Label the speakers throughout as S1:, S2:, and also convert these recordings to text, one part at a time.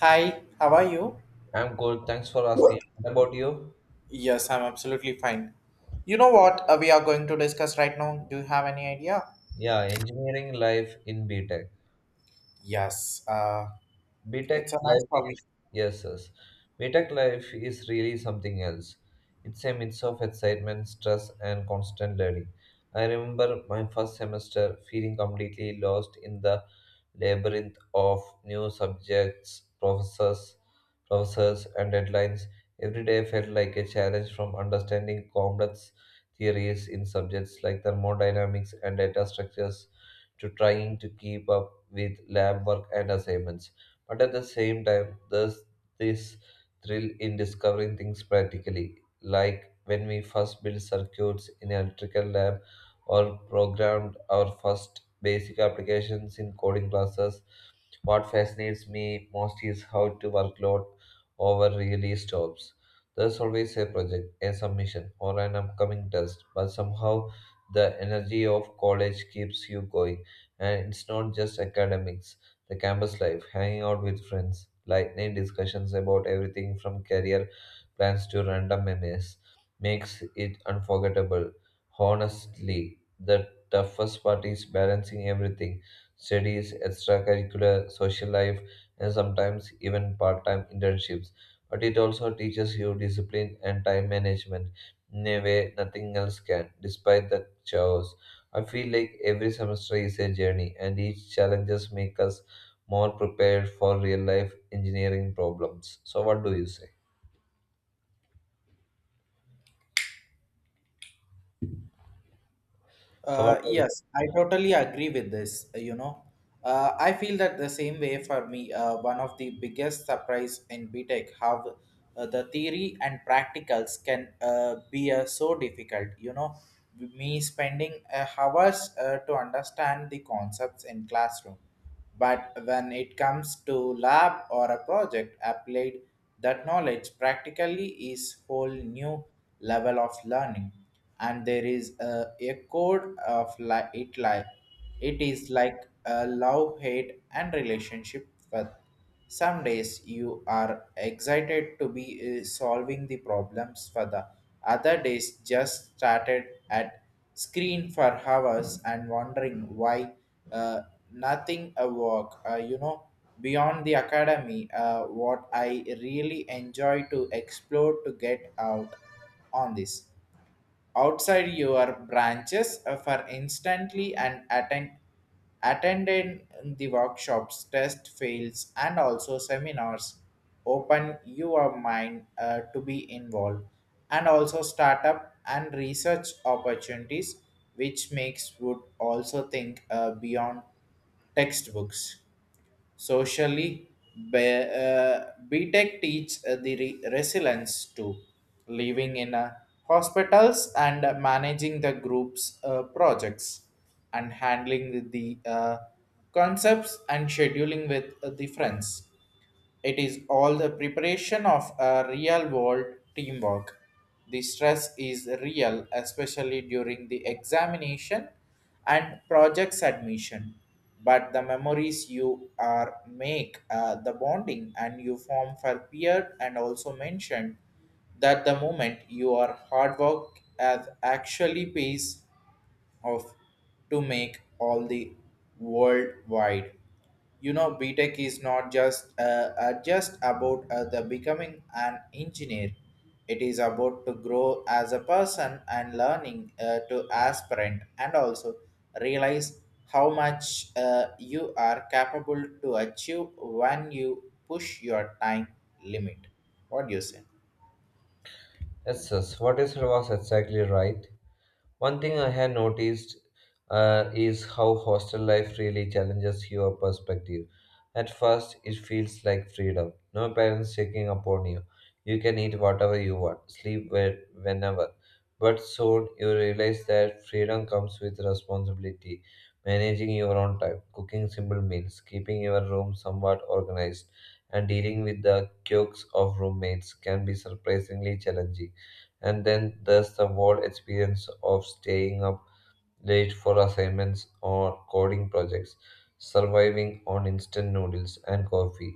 S1: Hi, how are you?
S2: I'm good. Thanks for asking. What about you?
S1: Yes, I'm absolutely fine. You know what we are going to discuss right now? Do you have any idea?
S2: Yeah, engineering life in B Tech.
S1: Yes, it's
S2: BTech
S1: a nice
S2: life is
S1: topic.
S2: yes, yes. BTech life is really something else. It's a mix of excitement, stress, and constant learning. I remember my first semester feeling completely lost in the labyrinth of new subjects, professors, and deadlines. Every day felt like a challenge from understanding complex theories in subjects like thermodynamics and data structures to trying to keep up with lab work and assignments. But at the same time, there's this thrill in discovering things practically, like when we first built circuits in electrical lab or programmed our first basic applications in coding classes. What fascinates me most is how to workload over really stops. There's always a project, a submission, or an upcoming test, but somehow the energy of college keeps you going. And it's not just academics, the campus life, hanging out with friends, lightning discussions about everything from career plans to random memes makes it unforgettable. Honestly, the toughest part is balancing everything: studies, extracurricular, social life, and sometimes even part time internships. But it also teaches you discipline and time management in a way nothing else can, despite the chaos. I feel like every semester is a journey, and each challenges make us more prepared for real life engineering problems. So, what do you say? So, what,
S1: Yes, I totally agree with this. I feel that the same way for me. One of the biggest surprise in BTech how the theory and practicals can be so difficult. Me spending hours to understand the concepts in classroom. But when it comes to lab or a project applied, that knowledge practically is whole new level of learning, and there is a code of it is like a love, hate, and relationship with. Some days you are excited to be solving the problems for the other days just started at screen for hours and wondering why uh, nothing a work beyond the academy, what I really enjoy to explore to get out on this outside your branches for instantly and attended the workshops test fails and also seminars open your mind to be involved and also startup and research opportunities which makes would also think beyond textbooks. Socially, be, uh, BTEC teach the resilience to living in hospitals and managing the group's projects and handling the concepts and scheduling with the friends. It is all the preparation of a real world teamwork. The stress is real, especially during the examination and project submission. But the memories you are make, the bonding and you form for peer and also mentioned that the moment your hard work has actually pays of to make all the worldwide. You know btech is not just about the becoming an engineer, it is about to grow as a person and learning to aspirant and also realize how much you are capable to achieve when you push your time limit. What do you say?
S2: yes, yes, what is was exactly right? One thing I had noticed is how hostel life really challenges your perspective. At first, it feels like freedom, no parents checking upon you. You can eat whatever you want, sleep where, whenever. But soon, you realize that freedom comes with responsibility, managing your own time, cooking simple meals, keeping your room somewhat organized, and dealing with the quirks of roommates can be surprisingly challenging. And then there's the whole experience of staying up late for assignments or coding projects, surviving on instant noodles and coffee,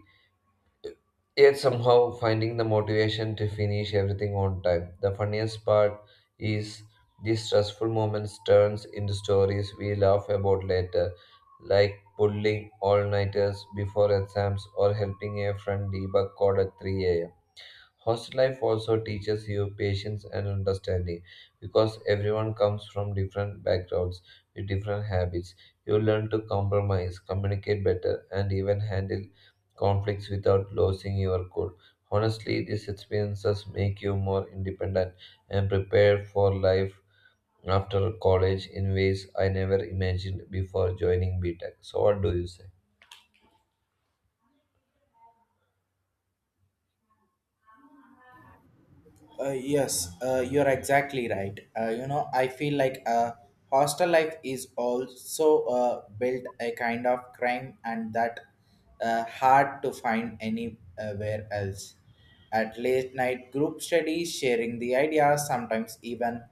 S2: yet somehow finding the motivation to finish everything on time. The funniest part is these stressful moments turns into stories we laugh about later, like pulling all-nighters before exams or helping a friend debug code at 3 a.m. a m. Hostel life also teaches you patience and understanding because everyone comes from different backgrounds with different habits. You learn to compromise, communicate better, and even handle conflicts without losing your cool. Honestly, these experiences make you more independent and prepared for life after college in ways I never imagined before joining BTEC. So, what do you say?
S1: Yes, you're exactly right. You know, I feel like hostel life is also built a kind of crime and that hard to find anywhere else. At late night group studies, sharing the ideas, sometimes even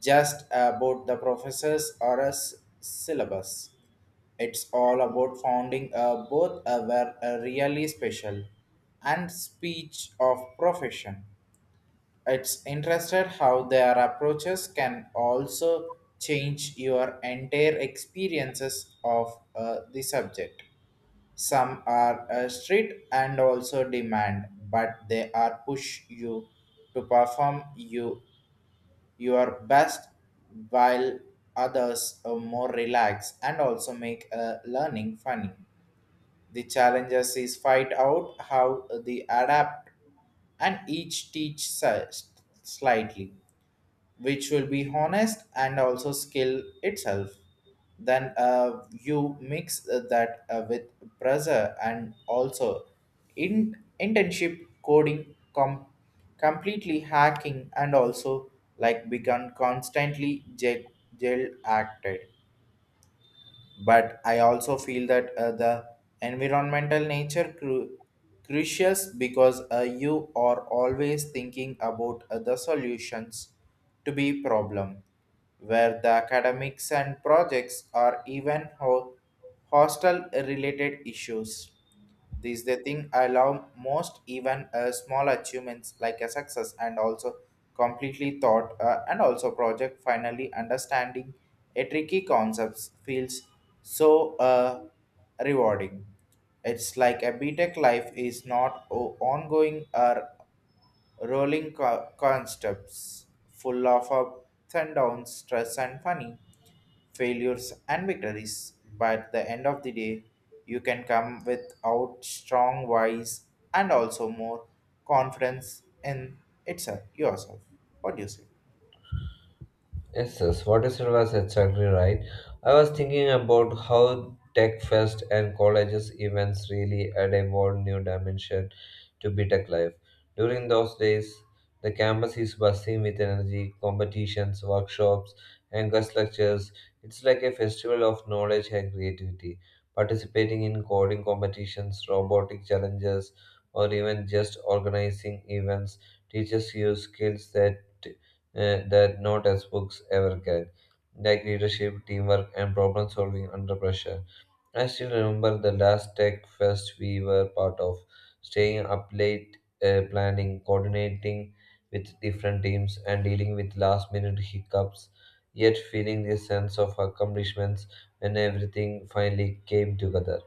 S1: just about the professors or a syllabus. It's all about founding both were really special and speech of profession. It's interested how their approaches can also change your entire experiences of the subject. Some are strict and also demand, but they are push you to perform you your best, while others are more relaxed and also make learning funny. The challenges is find out how the adapt and each teach slightly which will be honest and also skill itself. Then you mix that with pressure and also in internship coding completely hacking and also like begun constantly jail acted, but I also feel that the environmental nature crucial because you are always thinking about other solutions to be problem where the academics and projects are even hostile related issues. This is the thing I love most, even small achievements like a success and also completely thought and also project finally understanding a tricky concepts feels so rewarding. It's like a BTEC life is not ongoing or rolling concepts full of ups and downs, stress and funny failures and victories, but at the end of the day, you can come with out strong wise and also more confidence in itself yourself. What do you say?
S2: Yes, yes. What you said was exactly right. I was thinking about how Tech Fest and colleges events really add a whole new dimension to BTEC life. During those days, the campus is buzzing with energy, competitions, workshops, and guest lectures. It's like a festival of knowledge and creativity. Participating in coding competitions, robotic challenges, or even just organizing events teaches you skills that that not as books ever can, like leadership, teamwork, and problem solving under pressure. I still remember the last tech fest we were part of, staying up late, planning, coordinating with different teams, and dealing with last minute hiccups, yet feeling this sense of accomplishments when everything finally came together.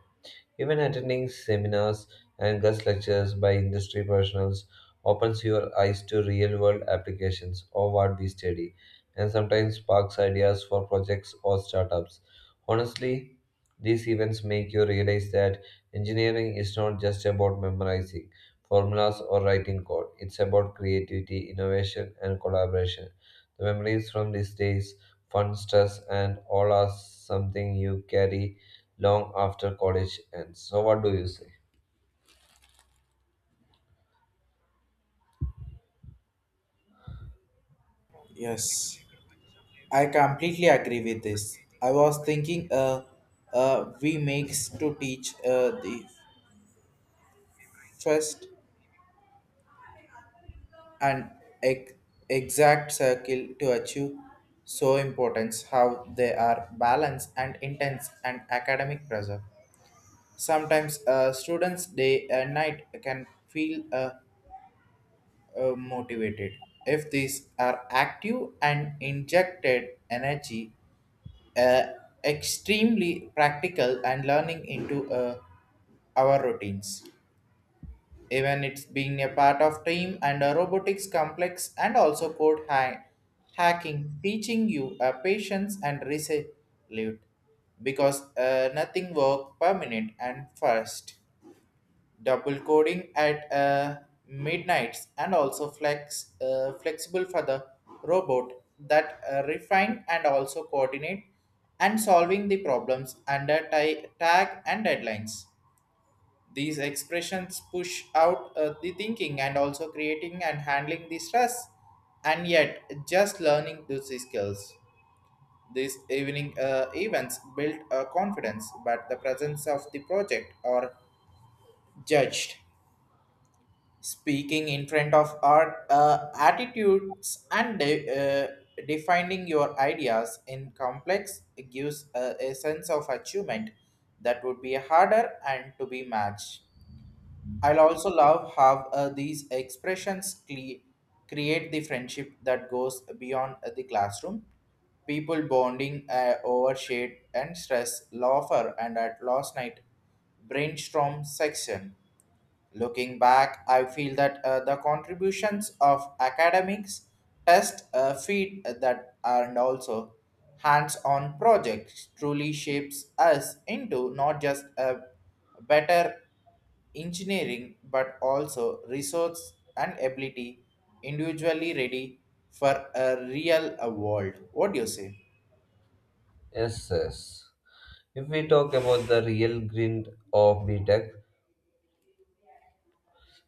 S2: Even attending seminars and guest lectures by industry professionals opens your eyes to real world applications of what we study and sometimes sparks ideas for projects or startups. Honestly, these events make you realize that engineering is not just about memorizing formulas or writing code, it's about creativity, innovation, and collaboration. The memories from these days, fun, stress, and all are something you carry long after college ends. So, what do you say?
S1: Yes, I completely agree with this. I was thinking, we makes to teach the first and ex- exact circle to achieve so importance how they are balance and intense and academic pressure. Sometimes a student's day and night can feel motivated. If these are active and injected energy, uh, extremely practical and learning into our routines. Even it's being a part of team and a robotics complex and also code hacking, teaching you patience and resolute because nothing work permanent and first. Double coding at midnights and also flexible for the robot that refine and also coordinate and solving the problems under tag and deadlines. These expressions push out the thinking and also creating and handling the stress and yet just learning those skills. These evening events build a confidence but the presence of the project are judged speaking in front of art attitudes and defining your ideas in complex gives a sense of achievement that would be harder and to be matched. I'll also love how these expressions create the friendship that goes beyond the classroom. People bonding over shade and stress laughter and at last night brainstorm section. Looking back, I feel that the contributions of academics, test feed that and also hands-on projects truly shapes us into not just a better engineering but also resource and ability individually ready for a real world. What do you say?
S2: Yes, yes. If we talk about the real grind of B Tech,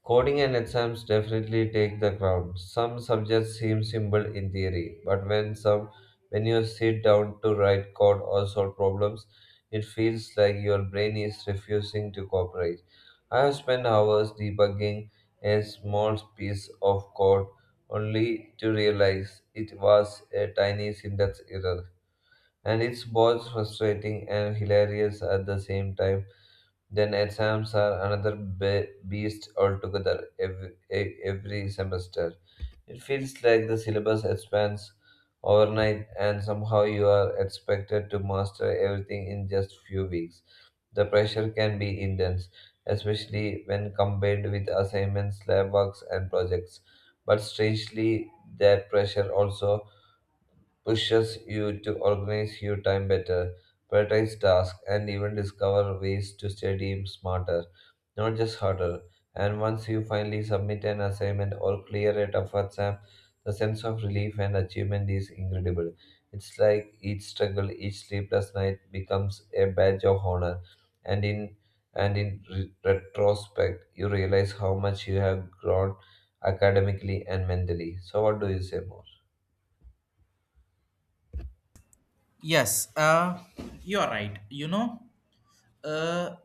S2: coding and exams definitely take the crown. Some subjects seem simple in theory, but when you sit down to write code or solve problems, it feels like your brain is refusing to cooperate. I have spent hours debugging a small piece of code only to realize it was a tiny syntax error. And it's both frustrating and hilarious at the same time. Then exams are another beast altogether every semester. It feels like the syllabus expands overnight and somehow you are expected to master everything in just few weeks. The pressure can be intense, especially when combined with assignments, lab works and projects. But strangely, that pressure also pushes you to organize your time better, prioritize tasks, and even discover ways to study smarter, not just harder. And once you finally submit an assignment or clear a tough exam, the sense of relief and achievement is incredible. It's like each struggle, each sleepless night becomes a badge of honor, and in and in retrospect, you realize how much you have grown academically and mentally. So, what do you say more?
S1: Yes, you are right. Uh,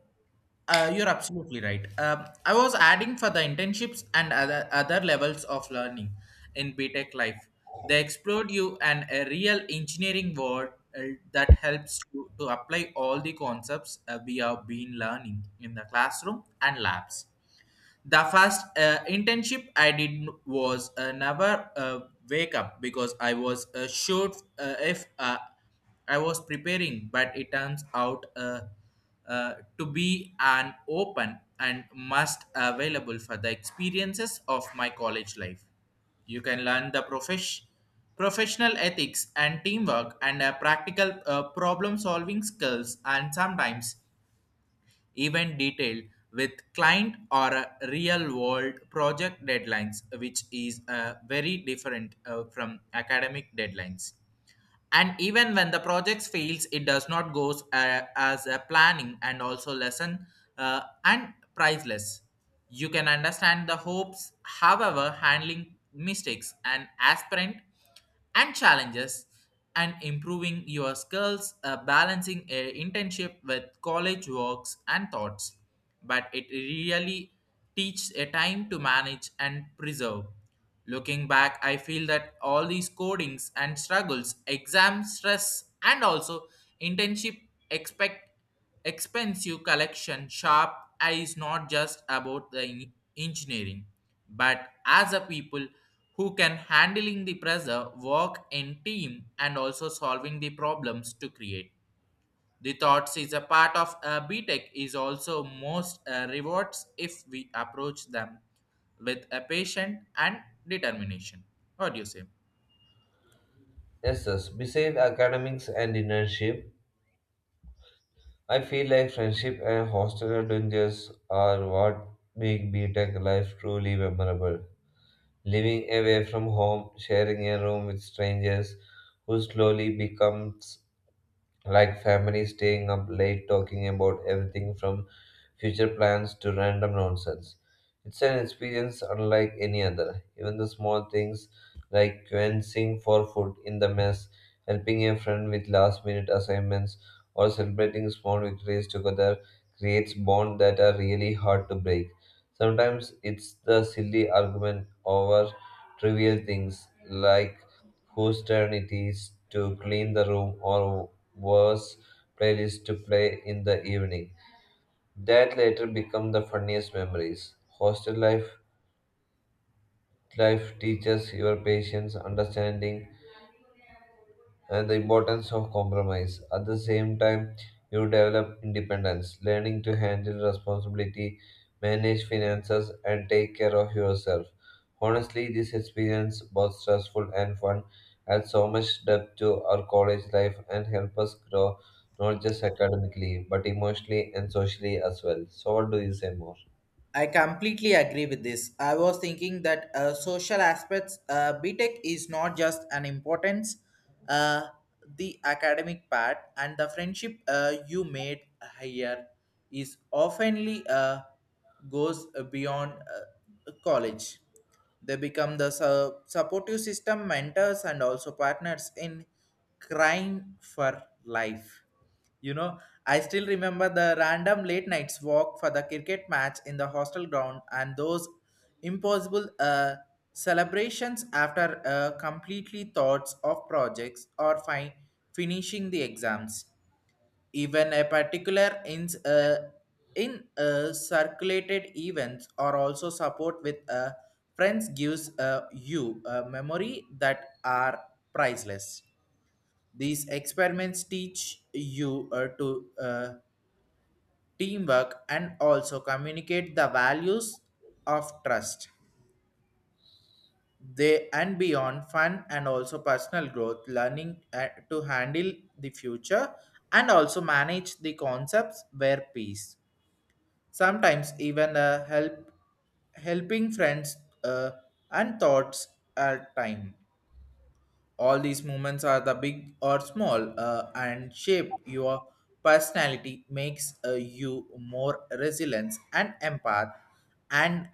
S1: you're absolutely right. I was adding for the internships and other levels of learning in BTech life. They explored you and a real engineering world uh, that helps you to apply all the concepts we have been learning in the classroom and labs. The first internship I did was never wake up because I was sure if I was preparing, but it turns out to be an open and must available for the experiences of my college life. You can learn the professional ethics and teamwork and practical problem solving skills and sometimes event detail with client or a real world project deadlines, which is very different from academic deadlines. And even when the project fails it does not goes as a planning and also lesson and priceless. You can understand the hopes however handling mistakes and aspirant and challenges and improving your skills balancing a internship with college works and thoughts, but it really teaches a time to manage and preserve. Looking back, I feel that all these codings and struggles, exam stress, and also internship expect expensive collection sharp eye is not just about the engineering, but as a people who can handling the pressure, work in team, and also solving the problems to create. The thoughts is a part of BTech is also most rewards if we approach them with a patient and determination. What do you say?
S2: Yes, yes. Besides academics and internship, I feel like friendship and hostel adventures are what make B Tech life truly memorable. Living away from home, sharing a room with strangers who slowly becomes like families staying up late talking about everything from future plans to random nonsense. It's an experience unlike any other. Even the small things like quenching for food in the mess, helping a friend with last minute assignments, or celebrating small victories together creates bonds that are really hard to break. Sometimes it's the silly argument over trivial things like whose turn it is to clean the room or worse playlist to play in the evening. That later become the funniest memories. Hostel life teaches your patience, understanding and the importance of compromise. At the same time, you develop independence, learning to handle responsibility, manage finances, and take care of yourself. Honestly, this experience, both stressful and fun, adds so much depth to our college life and help us grow not just academically but emotionally and socially as well. So, what do you say more?
S1: I completely agree with this. I was thinking that social aspects, BTEC is not just an importance, uh, the academic part and the friendship you made here is oftenly goes beyond college. They become the supportive system, mentors, and also partners in crying for life. You know, I still remember the random late nights walk for the cricket match in the hostel ground and those impossible celebrations after completely thoughts of projects or finishing the exams. Even a particular in circulated events or also support with friends gives you a memory that are priceless. These experiments teach you to teamwork and also communicate the values of trust they and beyond fun and also personal growth learning to handle the future and also manage the concepts where peace sometimes even helping friends uh, and thoughts at time. All these moments are the big or small and shape your personality, makes you more resilient and empath and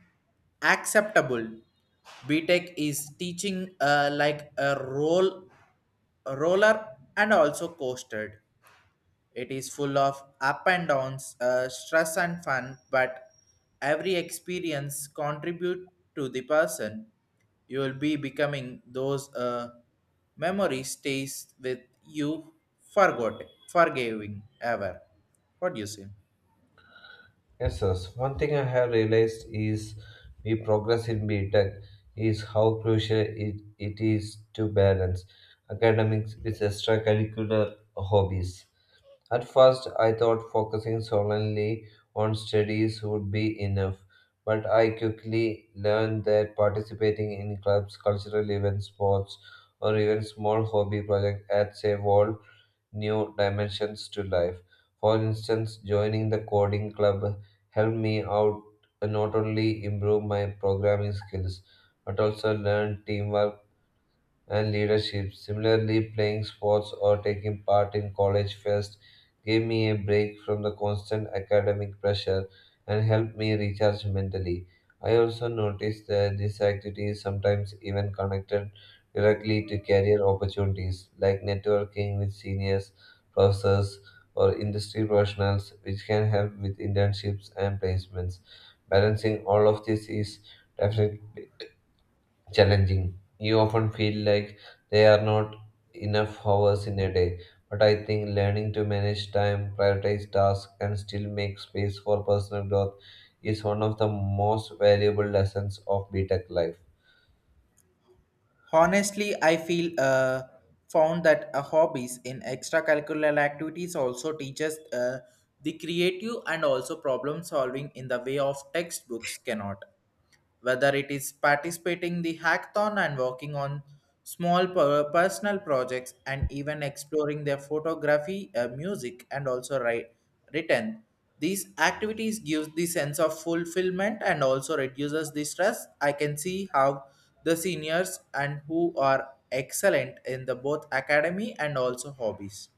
S1: acceptable. Btech is teaching like a roller and also coasted. It is full of up and downs, stress and fun, but every experience contribute to the person. You will be becoming those memory stays with you forgot forgiving ever. What do you say?
S2: Yes, yes. One thing I have realized is we progress in BTech is how crucial it is to balance academics with extracurricular hobbies. At first, I thought focusing solely on studies would be enough, but I quickly learned that participating in clubs, cultural events, sports, or even small hobby projects adds a whole new dimensions to life. For instance, joining the coding club helped me out not only improve my programming skills but also learn teamwork and leadership. Similarly, playing sports or taking part in college fest gave me a break from the constant academic pressure and helped me recharge mentally. I also noticed that these activities sometimes even connected directly to career opportunities like networking with seniors, professors, or industry professionals, which can help with internships and placements. Balancing all of this is definitely challenging. You often feel like there are not enough hours in a day, but I think learning to manage time, prioritize tasks, and still make space for personal growth is one of the most valuable lessons of B Tech life.
S1: Honestly, I feel found that hobbies in extracurricular activities also teaches the creative and also problem solving in the way of textbooks cannot. Whether it is participating the hackathon and working on small personal projects and even exploring their photography music and also written, these activities gives the sense of fulfillment and also reduces the stress. I can see how the seniors and who are excellent in the both academy and also hobbies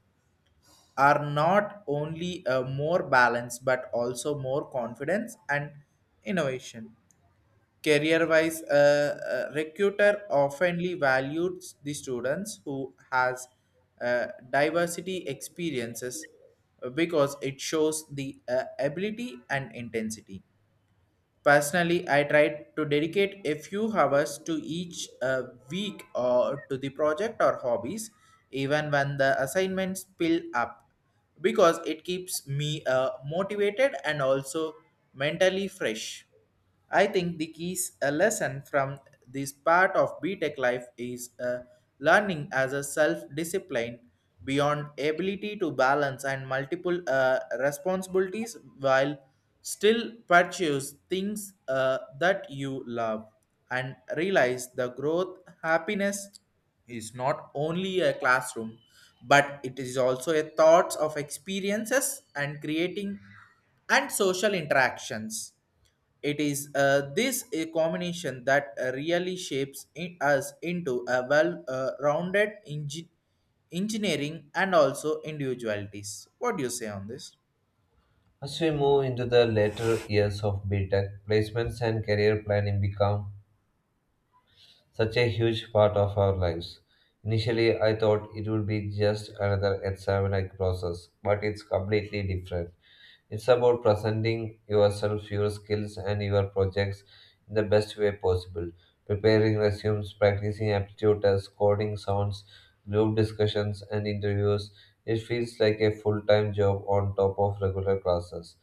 S1: are not only more balanced but also more confidence and innovation. Career-wise, a recruiter oftenly values the students who has diversity experiences because it shows the ability and intensity. Personally, I tried to dedicate a few hours to each week or to the project or hobbies, even when the assignments pile up, because it keeps me motivated and also mentally fresh. I think the keys a lesson from this part of BTech life is learning as a self-discipline beyond ability to balance and multiple responsibilities while still purchase things that you love and realize the growth happiness is not only a classroom but it is also a thoughts of experiences and creating and social interactions. It is this a combination that really shapes in us into a well-rounded engineering and also individualities. What do you say on this?
S2: As we move into the later years of B Tech, placements and career planning become such a huge part of our lives. Initially, I thought it would be just another exam like process, but it's completely different. It's about presenting yourself, your skills, and your projects in the best way possible. Preparing resumes, practicing aptitude tests, coding sounds, group discussions, and interviews. It feels like a full time job on top of regular classes.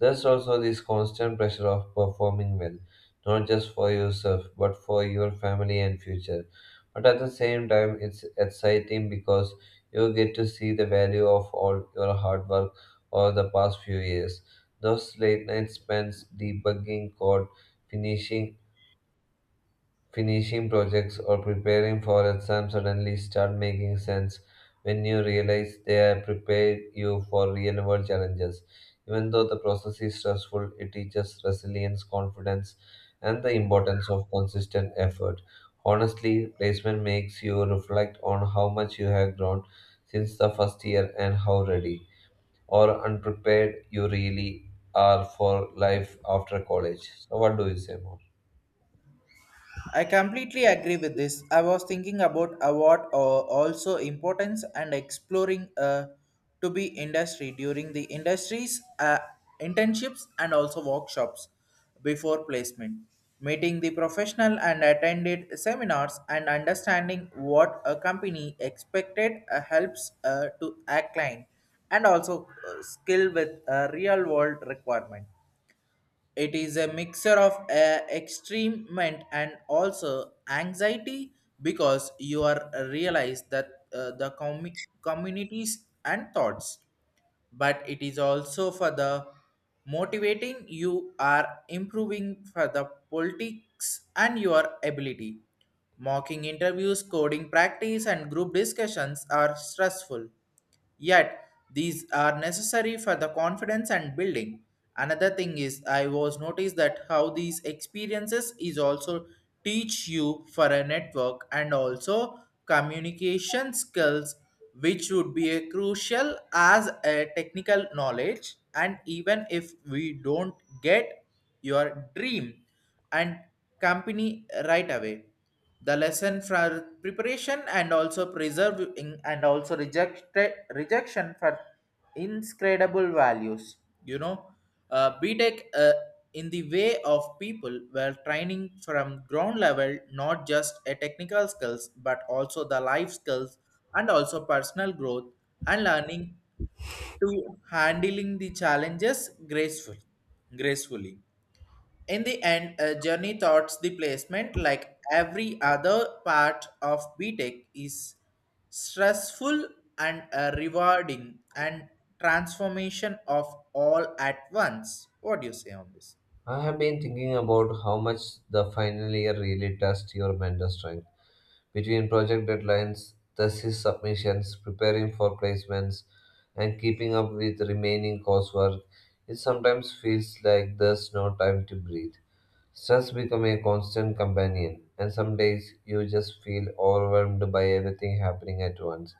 S2: There's also this constant pressure of performing well, not just for yourself, but for your family and future. But at the same time, it's exciting because you get to see the value of all your hard work over the past few years. Those late night spends debugging code, finishing Finishing projects or preparing for exams suddenly start making sense when you realize they have prepared you for real world challenges. Even though the process is stressful, it teaches resilience, confidence, and the importance of consistent effort. Honestly, placement makes you reflect on how much you have grown since the first year and how ready or unprepared you really are for life after college. So, what do you say more?
S1: I completely agree with this. I was thinking about award or also importance and exploring to be industry during the industries internships and also workshops before placement. Meeting the professional and attended seminars and understanding what a company expected helps to a client and also skill with a real world requirement. It is a mixture of extremement and also anxiety because you are realize that the communities and thoughts, but it is also for the motivating you are improving for the politics and your ability. Mocking interviews, coding practice, and group discussions are stressful. Yet, these are necessary for the confidence and building. Another thing is I was noticed that how these experiences is also teach you for a network and also communication skills which would be a crucial as a technical knowledge. And even if we don't get your dream and company right away, the lesson for preparation and also preserving and also rejection for inscredible values, you know btech in the way of people were training from ground level, not just a technical skills but also the life skills and also personal growth and learning to handling the challenges graceful gracefully. In the end, Journey thoughts the placement, like every other part of BTEC, is stressful and rewarding and transformation of all at once. What do you say on this?
S2: I have been thinking about how much the final year really tests your mental strength. Between project deadlines, thesis submissions, preparing for placements, and keeping up with remaining coursework, it sometimes feels like there's no time to breathe. Stress becomes a constant companion, and some days you just feel overwhelmed by everything happening at once.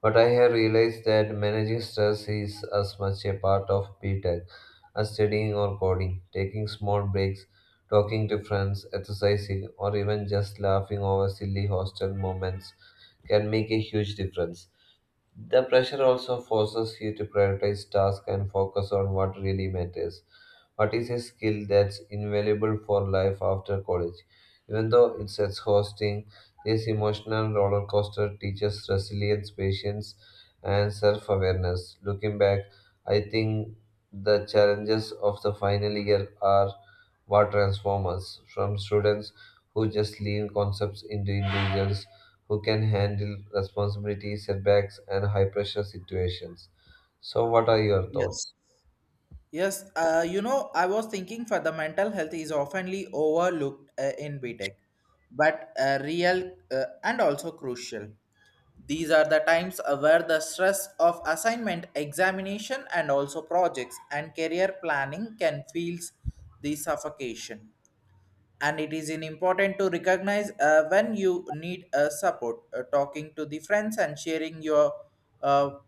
S2: But I have realized that managing stress is as much a part of BTech as studying or coding, taking small breaks, talking to friends, exercising, or even just laughing over silly hostel moments can make a huge difference. The pressure also forces you to prioritize tasks and focus on what really matters. What is a skill that's invaluable for life after college? Even though it's exhausting, this emotional roller coaster teaches resilience, patience, and self awareness. Looking back, I think the challenges of the final year are what transform us from students who just lean concepts into individuals who can handle responsibility, setbacks, and high pressure situations. So, what are your
S1: Yes.
S2: thoughts?
S1: Yes, you know, I was thinking for the mental health is oftenly overlooked in B Tech, but real and also crucial. These are the times where the stress of assignment, examination, and also projects and career planning can feel the suffocation. And it is in important to recognize when you need support. Talking to the friends and sharing uh,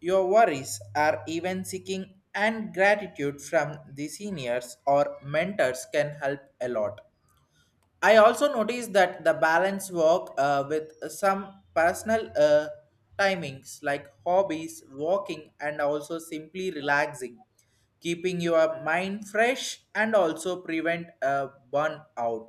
S1: your worries are even seeking and gratitude from the seniors or mentors can help a lot. I also noticed that the balance work with some personal timings like hobbies, walking, and also simply relaxing, keeping your mind fresh and also prevent a burnout.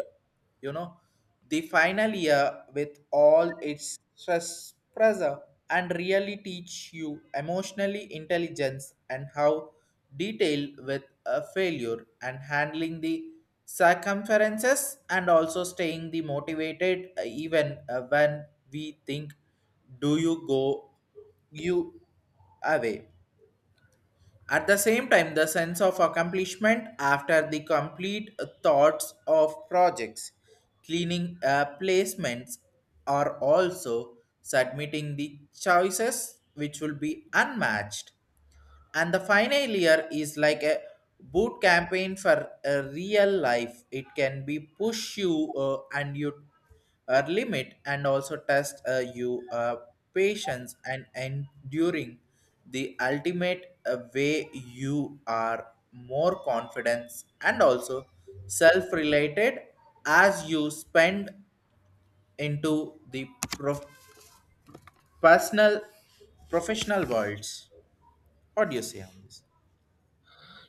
S1: You know the final year, with all its stress, pressure, and really teach you emotionally intelligence and how detail with a failure and handling the circumferences and also staying the motivated even when we think do you go you away. At the same time, the sense of accomplishment after the complete thoughts of projects, cleaning placements are also submitting the choices which will be unmatched. And the final year is like a boot campaign for a real life. It can be push you and you limit and also test you patience and enduring the ultimate way you are more confidence and also self-related as you spend into the prof- personal professional worlds. What do you say on this?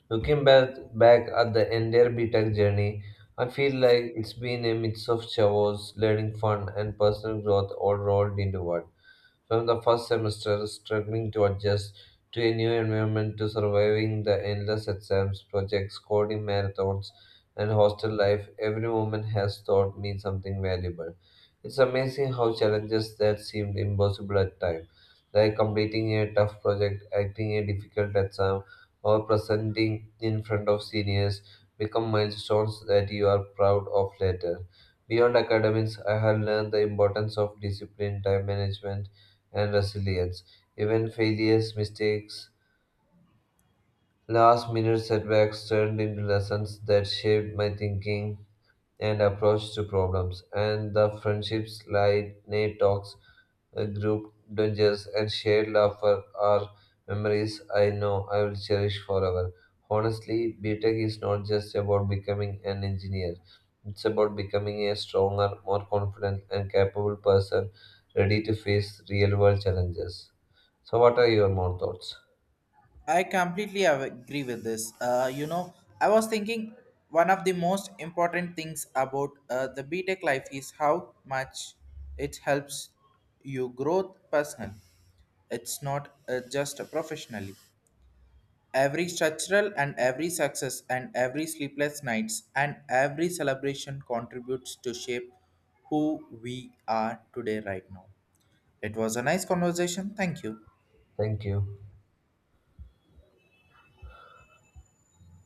S2: Looking back at the entire B Tech journey, I feel like it's been a mix of chores, learning fun, and personal growth all rolled into one. From the first semester, struggling to adjust to a new environment, to surviving the endless exams, projects, coding marathons, and hostel life, every moment has taught me something valuable. It's amazing how challenges that seemed impossible at times, like completing a tough project, acting a difficult exam, or presenting in front of seniors, become milestones that you are proud of later. Beyond academics, I have learned the importance of discipline, time management, and resilience. Even failures, mistakes, last minute setbacks turned into lessons that shaped my thinking and approach to problems. And the friendships, like night talks, group dungeons, and shared laughter are memories I know I will cherish forever. Honestly, BTEC is not just about becoming an engineer. It's about becoming a stronger, more confident, and capable person ready to face real world challenges. So, what are your more thoughts?
S1: Agree with this. You know, I was thinking one of the most important things about the B Tech life is how much it helps you grow personally. It's not just professionally. Every structural and every success and every sleepless nights and every celebration contributes to shape who we are today right now. It was a nice conversation. Thank you.
S2: Thank you.